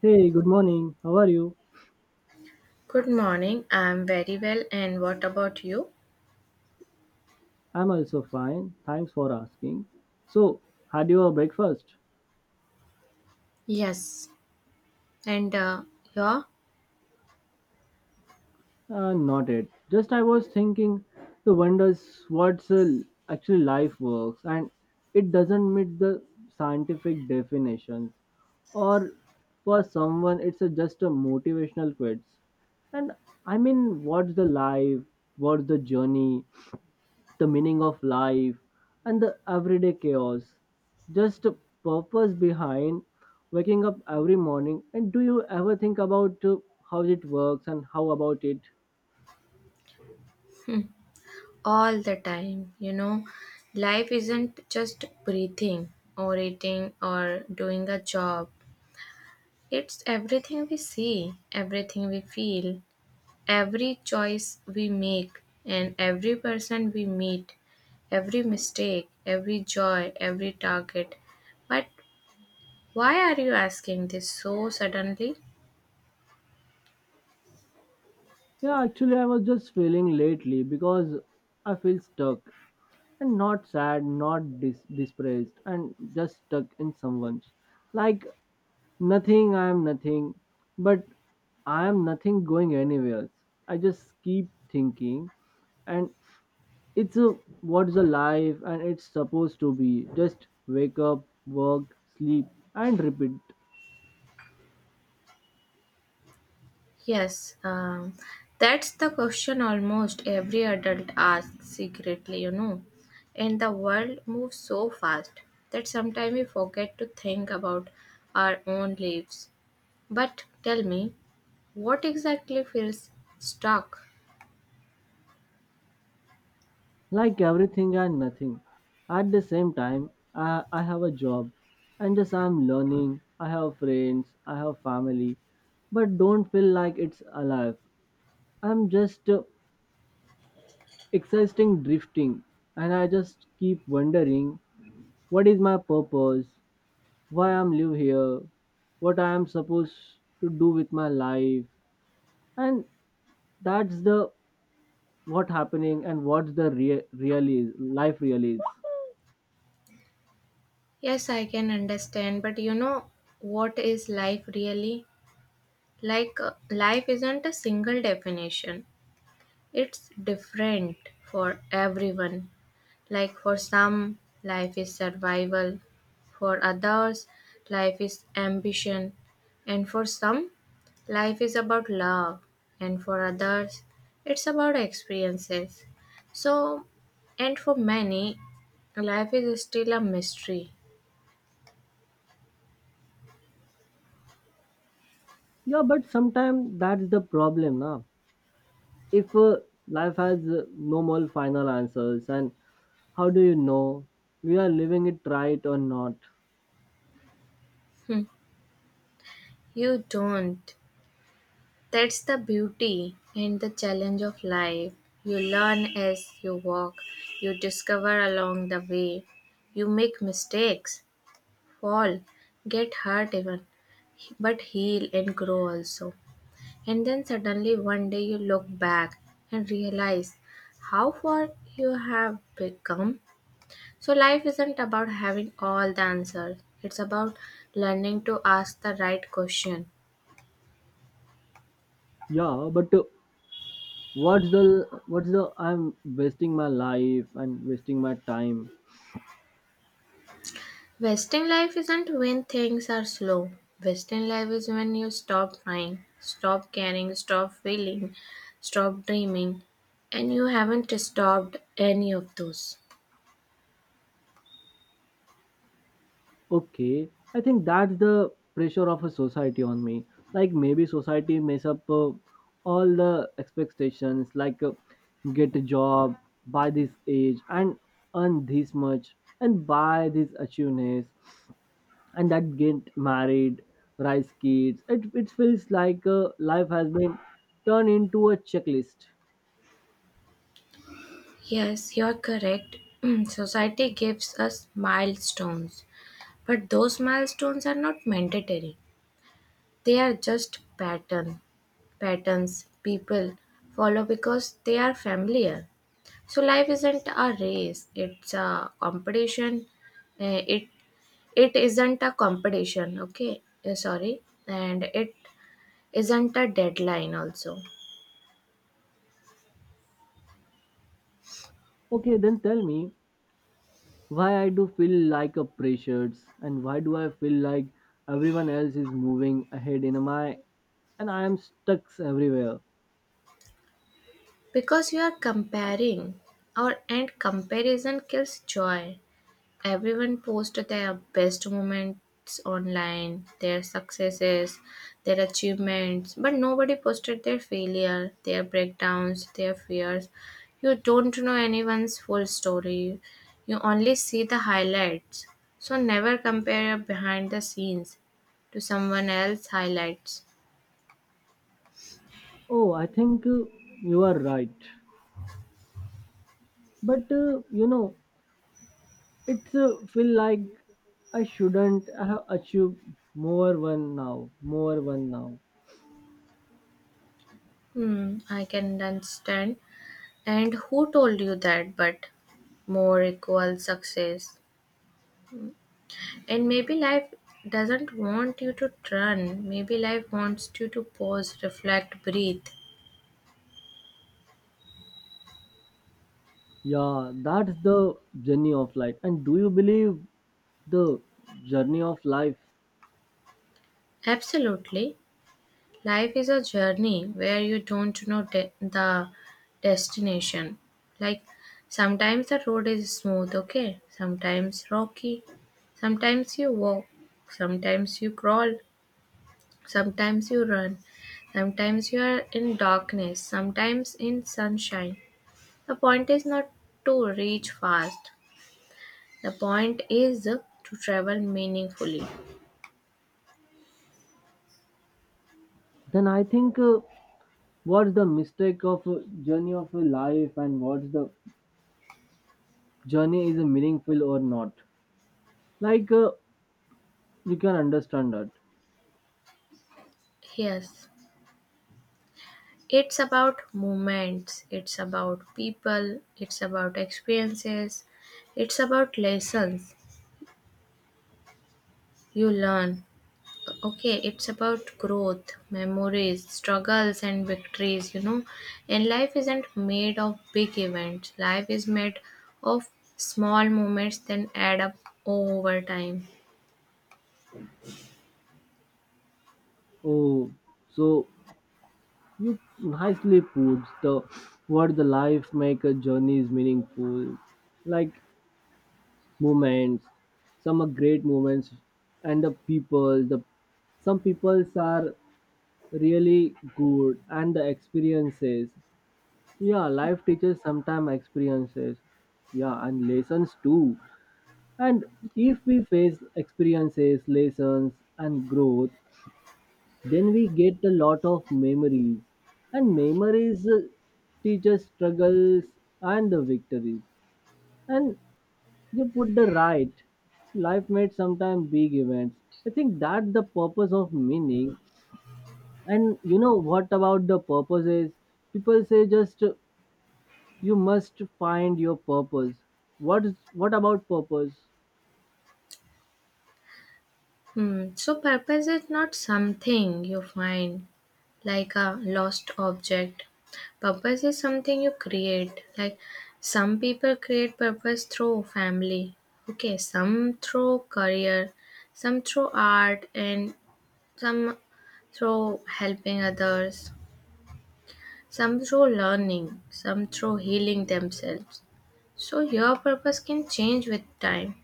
Hey, good morning. How are you? Good morning. I'm very well. And what about you? I'm also fine. Thanks for asking. So, had you a breakfast? Yes. And you're Not yet. Just I was thinking the wonders what's actually life works and it doesn't meet the scientific definitions or for someone it's a, just a motivational quotes. And what's the life? What's the journey? The meaning of life and the everyday chaos just a purpose behind waking up every morning, and do you ever think about how it works and how about it? all the time. You know, life isn't just breathing or eating or doing a job, it's everything we see, everything we feel, every choice we make, and every person we meet, every mistake, every joy, every target. But why are you asking this so suddenly? Yeah, actually I was just feeling lately because I feel stuck, and not sad, not depressed, and just stuck in someone's, like, nothing. I am nothing. But I am nothing going anywhere. I just keep thinking, and It's a what's a life and it's supposed to be. Just wake up, work, sleep, and repeat. Yes, um, that's the question almost every adult asks secretly, you know. And the world moves so fast that sometimes we forget to think about our own lives. But tell me, what exactly feels stuck? Like everything and nothing. At the same time, I have a job and just I'm learning. I have friends, I have family, but don't feel like it's alive. I'm just exciting drifting, and I just keep wondering what is my purpose, why I'm live here, what I am supposed to do with my life, and that's the what happening and what's the rea- really is- life really is. Yes, I can understand, but you know what is life really? Life isn't a single definition, it's different for everyone. Like for some, life is survival, for others, life is ambition, and for some, life is about love, and for others, it's about experiences. So, and for many, life is still a mystery. Yeah, but sometimes that's the problem now. If life has no more final answers, and how do you know we are living it right or not? Hmm. You don't. That's the beauty and the challenge of life. You learn as you walk, you discover along the way, you make mistakes, fall, get hurt even, but heal and grow also. And then suddenly one day you look back and realize how far you have become. So life isn't about having all the answers. It's about learning to ask the right question. Yeah, but what's the I'm wasting my life and wasting my time. Wasting life isn't when things are slow. Wasting life is when you stop trying, stop caring, stop feeling, stop dreaming, and you haven't stopped any of those. Okay, I think that's the pressure of a society on me. Like maybe society mess up all the expectations, like, get a job by this age, and earn this much, and buy these achievements, and that get married, raise kids. It feels like life has been turned into a checklist. Yes, you're correct. Society gives us milestones, but those milestones are not mandatory. They are just patterns people follow because they are familiar. So life isn't a race; it's a competition. Uh, it it isn't a competition. Okay. Sorry, and it isn't a deadline also. Okay, then tell me why I do feel like a pressured, and why do I feel like everyone else is moving ahead in my and I am stuck everywhere. Because you are comparing, or and comparison kills joy. Everyone posted their best moments online, their successes, their achievements, but nobody posted their failure, their breakdowns, their fears. You don't know anyone's full story. You only see the highlights. So never compare your behind the scenes to someone else's highlights. Oh, I think you are right, but you know, it's feel like I shouldn't have achieved more one now, more one now. Hmm, I can understand. And who told you that? But more equals success. And maybe life doesn't want you to run. Maybe life wants you to pause, reflect, breathe. Yeah, that's the journey of life. And do you believe the journey of life? Absolutely. Life is a journey where you don't know the destination. Like sometimes the road is smooth, okay? Sometimes rocky. Sometimes you walk. Sometimes you crawl. Sometimes you run. Sometimes you are in darkness. Sometimes in sunshine. The point is not to reach fast. The point is to travel meaningfully. Then I think, what's the mistake of journey of your life, and what's the journey is meaningful or not? Like, you can understand that. Yes, it's about moments, it's about people, it's about experiences, it's about lessons you learn. Okay, it's about growth, memories, struggles, and victories, you know. And life isn't made of big events, life is made of small moments that add up over time. Oh, so you nicely puts the what the life make a journey is meaningful, like moments, some are great moments, and the people, the some peoples are really good, and the experiences. Yeah, life teaches sometimes experiences. Yeah, and lessons too. And if we face experiences, lessons, and growth, then we get a lot of memories. And memories teach us struggles and the victories. And you put the right. Life made sometimes big events. I think that's the purpose of meaning. And you know what about the purpose is? People say just, you must find your purpose. What is what about purpose? Hmm. So purpose is not something you find like a lost object. Purpose is something you create. Like some people create purpose through family. Okay, some through career, some through art, and some through helping others, some through learning, some through healing themselves. So your purpose can change with time.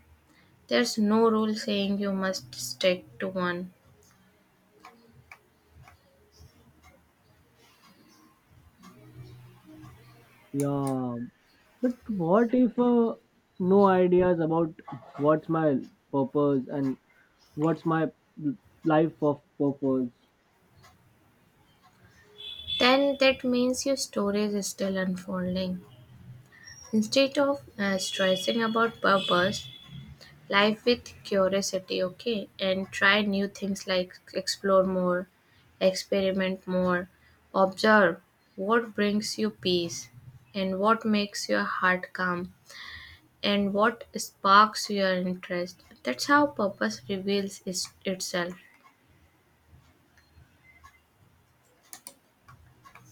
There's no rule saying you must stick to one. Yeah, but what if no ideas about what's my purpose, and what's my life of purpose? Then that means your story is still unfolding. Instead of stressing about purpose, life with curiosity, okay, and try new things, like explore more, experiment more, observe what brings you peace and what makes your heart calm and what sparks your interest. That's how purpose reveals itself.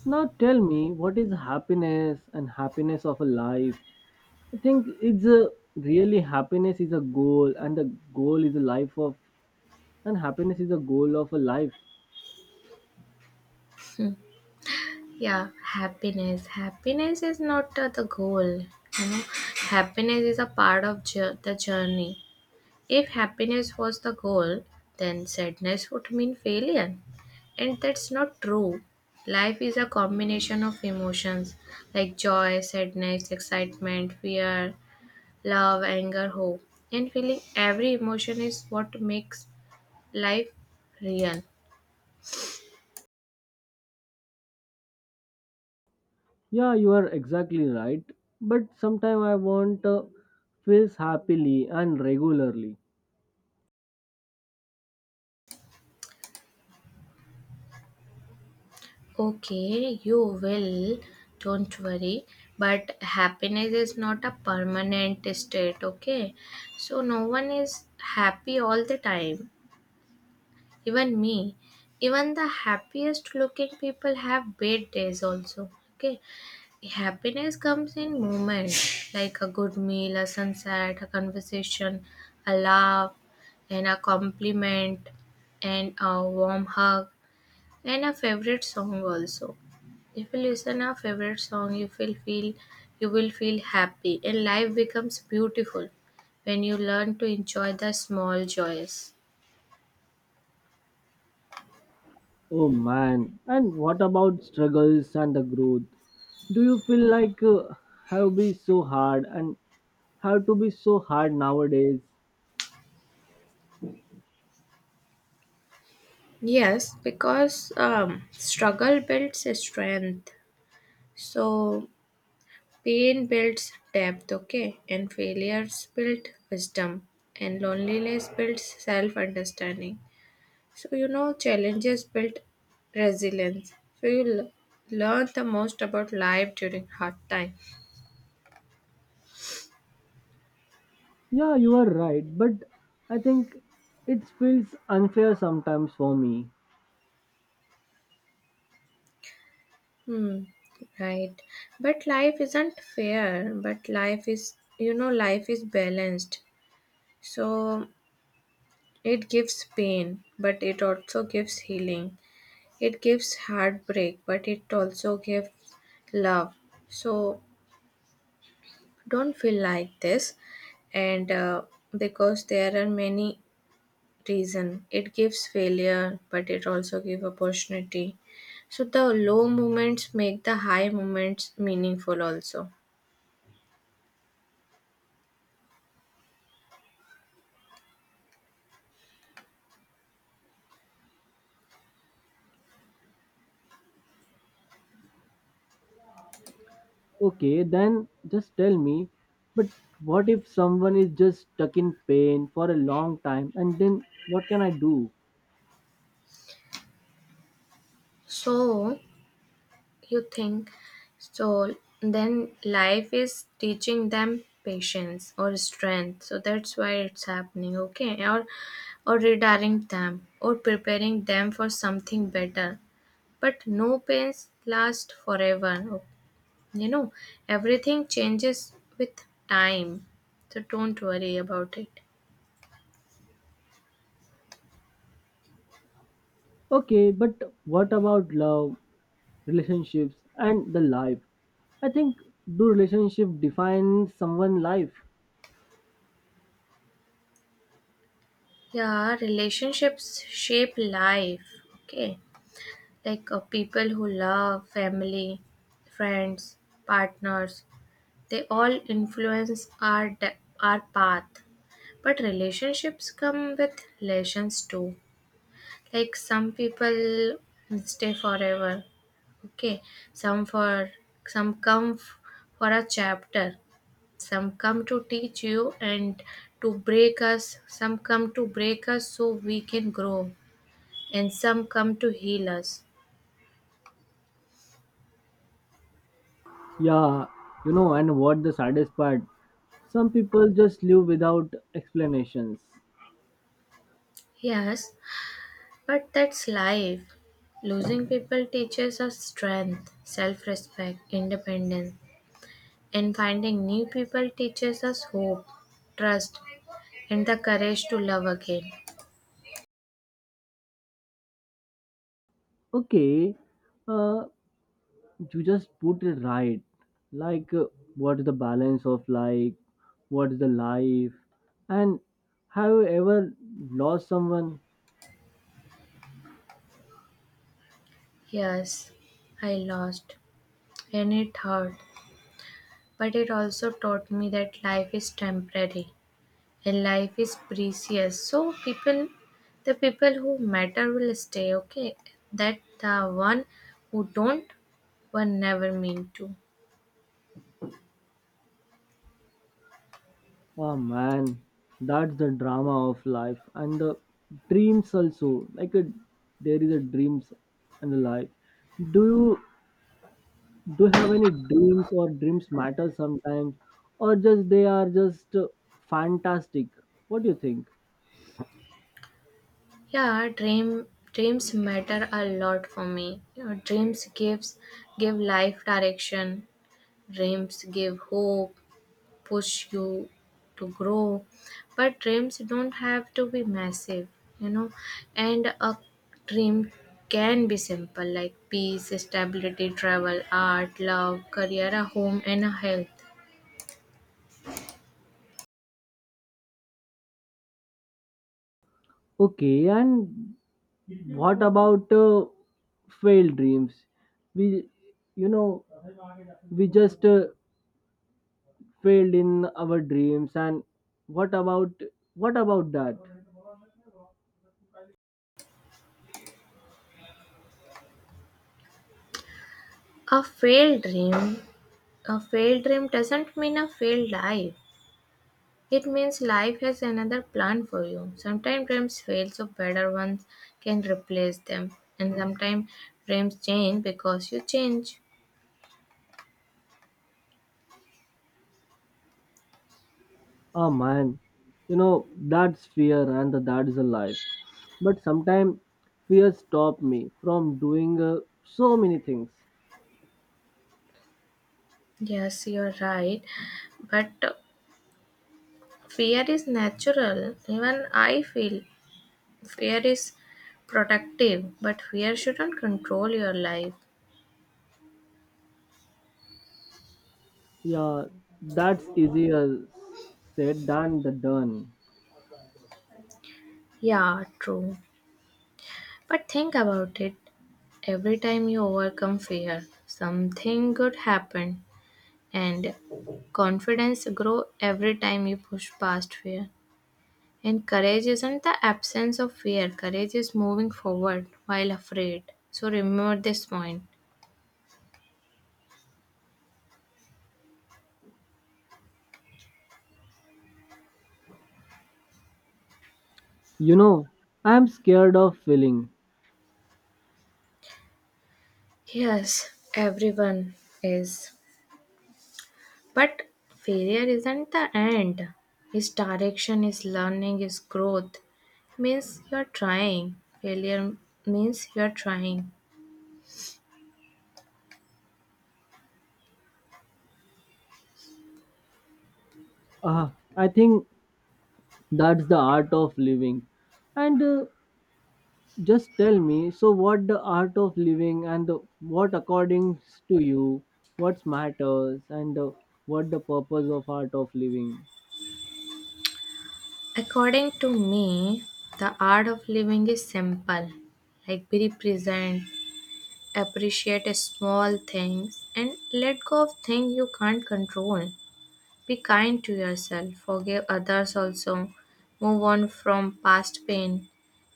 Now tell me, what is happiness and happiness of a life? I think it's a really happiness is a goal, and the goal is a life of, and happiness is a goal of a life. Yeah, happiness is not the goal, you know. Happiness is a part of the journey. If happiness was the goal, then sadness would mean failure, and that's not true. Life is a combination of emotions, like joy, sadness, excitement, fear, love, anger, hope, and feeling every emotion is what makes life real. Yeah, you are exactly right. But sometimes I want feels happily and regularly. Okay, you will, don't worry. But happiness is not a permanent state, okay? So, no one is happy all the time, even me. Even the happiest looking people have bad days, also, okay? Happiness comes in moments, like a good meal, a sunset, a conversation, a laugh, and a compliment, and a warm hug, and a favorite song also. If you listen a favorite song, you will feel happy and life becomes beautiful when you learn to enjoy the small joys. Oh man! And what about struggles and the growth? Do you feel like have be so hard and have to be so hard nowadays? Yes, because struggle builds strength. So pain builds depth, okay? And failures build wisdom. And loneliness builds self understanding. So, you know, challenges build resilience. So, learn the most about life during hard time. Yeah, you are right. But I think it feels unfair sometimes for me. Hmm, right. But life isn't fair, but life is, you know, life is balanced. So, it gives pain, but it also gives healing. It gives heartbreak, but it also gives love. So, don't feel like this, and because there are many reason. It gives failure, but it also gives opportunity. So the low moments make the high moments meaningful also. Okay, then just tell me, but what if someone is just stuck in pain for a long time and then what can I do? So you think so, then life is teaching them patience or strength. So that's why it's happening, okay? Or redirecting them or preparing them for something better. But no pains last forever. You know, everything changes with time, so don't worry about it. Okay, but what about love, relationships, and the life? I think, do relationship define someone life? Yeah, relationships shape life. Okay, like people who love, family, friends, partners, they all influence our path. But relationships come with lessons too. Like some people stay forever. Okay, some for some come for a chapter. Some come to teach you and to break us. Some come to break us so we can grow. And some come to heal us. Yeah, you know, and what the saddest part? Some people just live without explanations. Yes, but that's life. Losing people teaches us strength, self respect, independence, and finding new people teaches us hope, trust, and the courage to love again. Okay, uh, you just put it right, like, what is the balance of, like, what is the life, and have you ever lost someone? Yes, I lost, and it hurt, but it also taught me that life is temporary and life is precious. So people, the people who matter will stay, okay? That the one who don't were never meant to. Oh man, that's the drama of life, and the dreams also, like a, there is a dreams and the life. Do you do you have any dreams, or dreams matter sometimes, or just they are just fantastic? What do you think? Yeah, dreams matter a lot for me, you know. Dreams give life direction. Dreams give hope, push you to grow. But dreams don't have to be massive, you know. And a dream can be simple, like peace, stability, travel, art, love, career, a home, and a health. Okay, and what about failed dreams? We, you know, we just failed in our dreams, and what about what about that? A failed dream, a failed dream doesn't mean a failed life. It means life has another plan for you. Sometimes dreams fail so better ones can replace them. And sometimes dreams change because you change. Oh man, you know, that's fear and that is a life. But sometimes fear stop me from doing so many things. Yes, you're right. But fear is natural. Even I feel fear is protective, but fear shouldn't control your life. Yeah, that's easier said than the done. Yeah, true. But think about it. Every time you overcome fear, something good happen, and confidence grow every time you push past fear. And courage isn't the absence of fear. Courage is moving forward while afraid. So remember this point. You know, I'm scared of failing. Yes, everyone is. But failure isn't the end. Its direction is learning, is growth. Means you're trying. Failure means you're trying. Ah, I think that's the art of living, and just tell me, so what the art of living and the, what according to you, what matters, and what the purpose of art of living? According to me, the art of living is simple. Like be present, appreciate small things, and let go of things you can't control. Be kind to yourself, forgive others also, move on from past pain,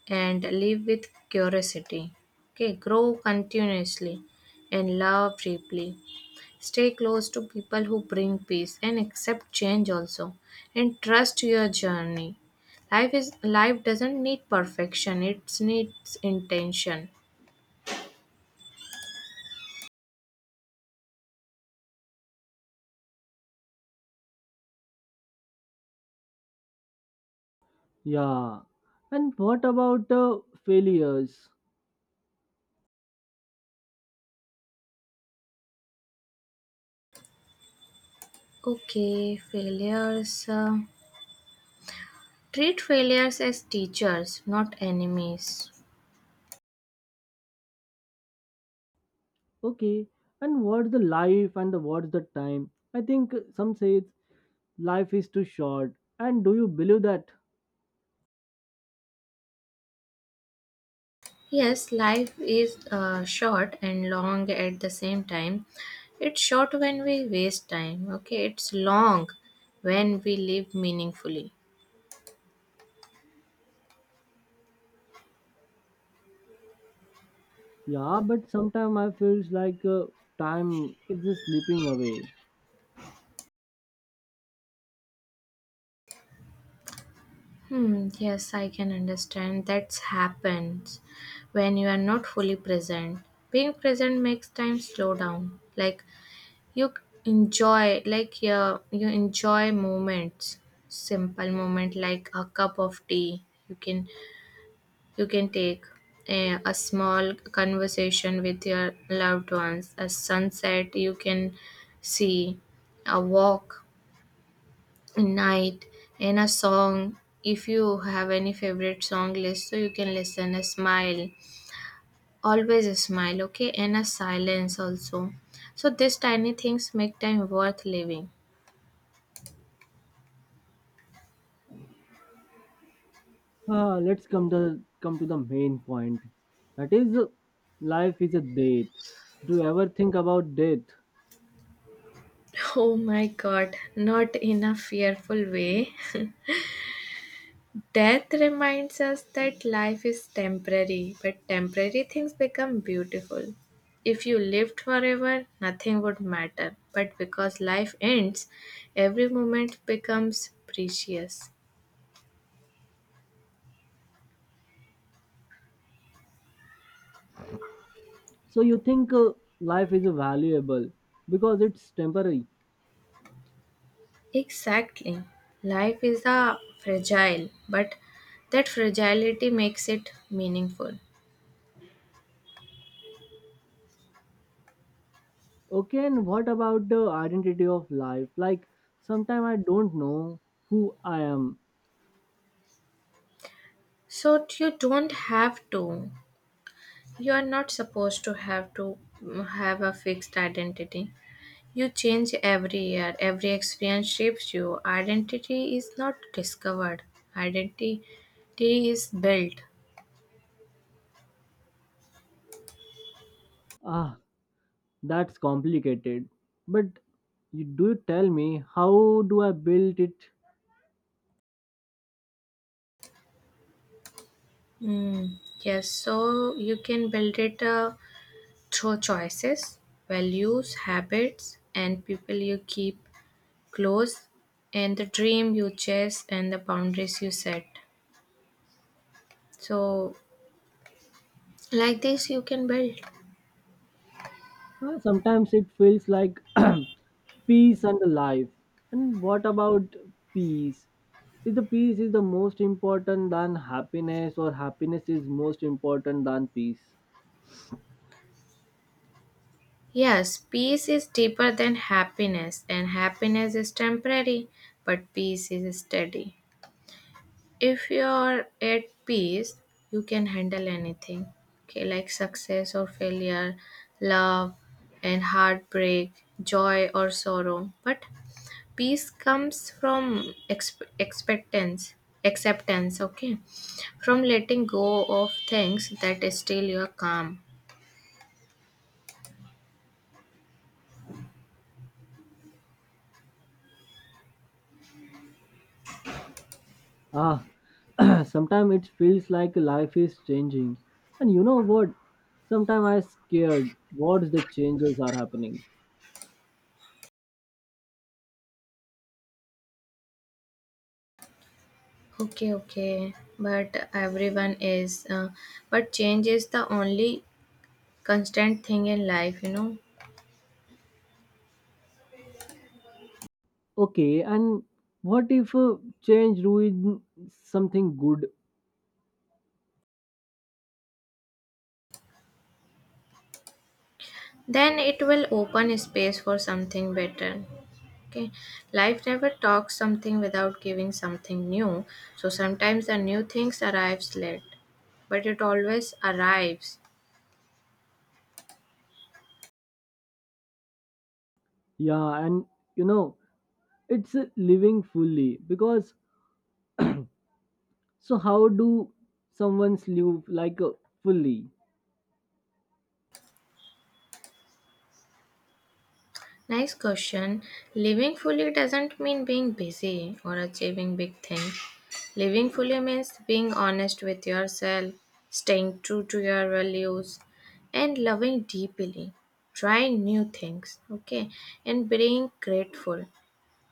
and live with curiosity. Okay, grow continuously and love deeply. Stay close to people who bring peace and accept change also, and trust your journey. Life doesn't need perfection; it needs intention. Yeah, and what about the failures? Okay, failures. Treat failures as teachers, not enemies. Okay, and what's the life and the, what's the time? I think some say it's life is too short, and do you believe that? Yes, life is short and long at the same time. It's short when we waste time, okay? It's long when we live meaningfully. Yeah, but sometimes I feels like time is just slipping away. Hmm, yes, I can understand. That happens when you are not fully present. Being present makes time slow down. Like you enjoy, like yeah, you enjoy moments, simple moment like a cup of tea. You can take a small conversation with your loved ones, a sunset you can see, a walk, a night, and a song. If you have any favorite song list, so you can listen, a smile, always a smile, okay, and a silence also. So, these tiny things make time worth living. Ah, let's come to the main point. That is, life is a death. Do you ever think about death? Oh my god, not in a fearful way. Death reminds us that life is temporary, but temporary things become beautiful. If you lived forever, nothing would matter. But because life ends, every moment becomes precious. So you think life is valuable because it's temporary. Exactly. Life is a fragile, but that fragility makes it meaningful. Okay, and what about the identity of life? Like, sometimes I don't know who I am. So you don't have to. You are not supposed to have to have a fixed identity. You change every year, every experience shapes you. Identity is not discovered, identity is built. Ah, that's complicated. But you do tell me, how do I build it? Yes, so you can build it through choices, values, habits, and people you keep close, and the dream you chase, and the boundaries you set. So, like this, you can build. Well, sometimes it feels like peace and life. And what about peace? Is the peace is the most important than happiness, or happiness is most important than peace? Yes, peace is deeper than happiness, and happiness is temporary, but peace is steady. If you're at peace, you can handle anything, okay, like success or failure, love and heartbreak, joy or sorrow. But peace comes from exp- expectance acceptance okay, from letting go of things that steal your calm. Ah, sometimes it feels like life is changing. And you know what? Sometimes I'm scared. What's the changes are happening? Okay, okay, but everyone is but change is the only constant thing in life, you know. Okay, and what if change ruin something good? Then it will open space for something better. Okay, life never talks something without giving something new. So sometimes the new things arrives late, but it always arrives. Yeah, and you know it's living fully because so how do someone's live like a fully? Nice question. Living fully doesn't mean being busy or achieving big things. Living fully means being honest with yourself, staying true to your values, and loving deeply, trying new things, okay, and being grateful,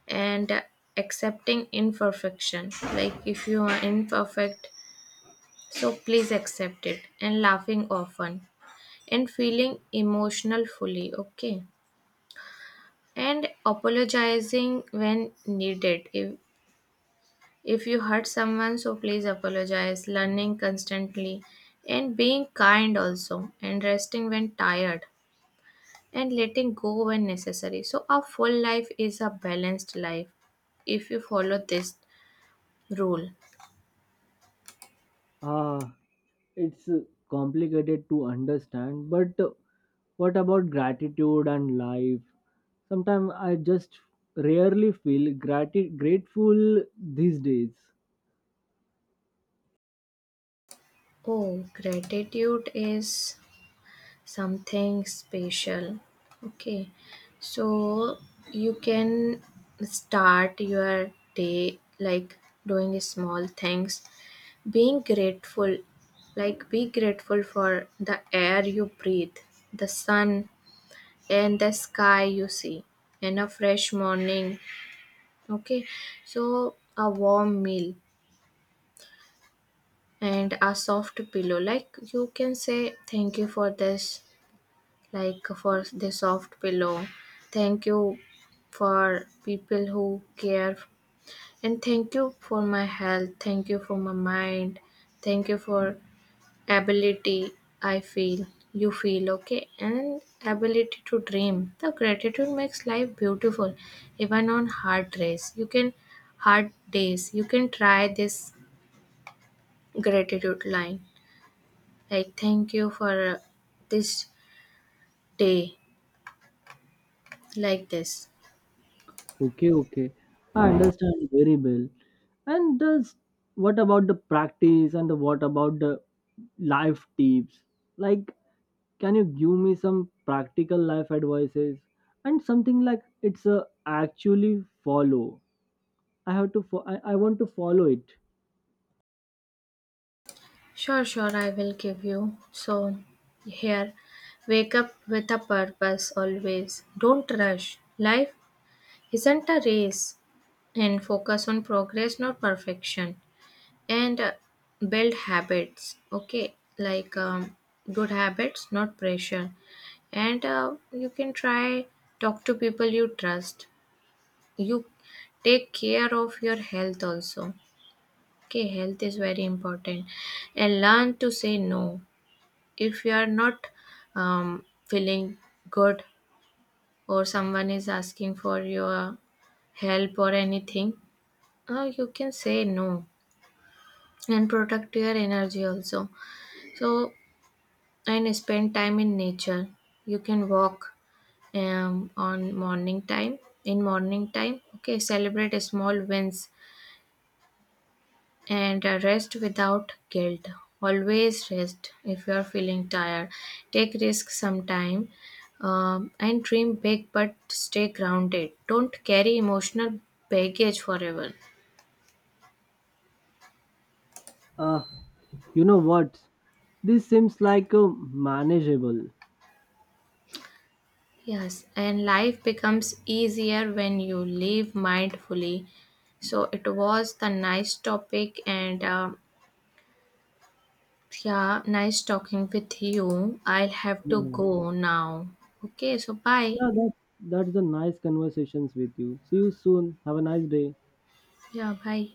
and accepting imperfection. Like if you are imperfect, so please accept it, and laughing often, and feeling emotional fully, okay? And apologizing when needed. If you hurt someone, so please apologize, learning constantly, and being kind also, and resting when tired, and letting go when necessary. So a full life is a balanced life if you follow this rule. Ah, it's complicated to understand. But what about gratitude and life? Sometimes I just rarely feel grateful these days. Oh, gratitude is something special. Okay, so you can start your day like doing small things, being grateful, like be grateful for the air you breathe, the sun, and the sky you see, and a fresh morning. Okay, so a warm meal and a soft pillow. Like you can say, thank you for this, like for the soft pillow. Thank you for people who care, and thank you for my health. Thank you for my mind. Thank you for ability I feel. You feel okay, and ability to dream. The gratitude makes life beautiful, even on hard days. You can try this gratitude line, like thank you for this day, like this. Okay, okay. I understand very well. And does what about the practice and the, what about the life tips? Like, can you give me some practical life advices, and something like it's a actually follow? I have to. I, want to follow it. Sure, sure, I will give you. So, here, wake up with a purpose always. Don't rush. Life isn't a race, and focus on progress, not perfection. And Build habits, okay? Like good habits, not pressure. And You can try talk to people you trust. You take care of your health also. Okay, health is very important, and learn to say no if you are not feeling good, or someone is asking for your help or anything, you can say no and protect your energy also. So, and spend time in nature. You can walk um, on morning time, in morning time. Okay, celebrate small wins, and rest without guilt, always rest if you are feeling tired, take risks sometime, and dream big but stay grounded, don't carry emotional baggage forever. Uh, you know what? This seems like a manageable. Yes, and life becomes easier when you live mindfully. So it was the nice topic, and yeah, nice talking with you. I'll have to Yeah, go now. Okay, so bye. yeah. That's the nice conversations with you. See you soon. Have a nice day. Yeah, bye.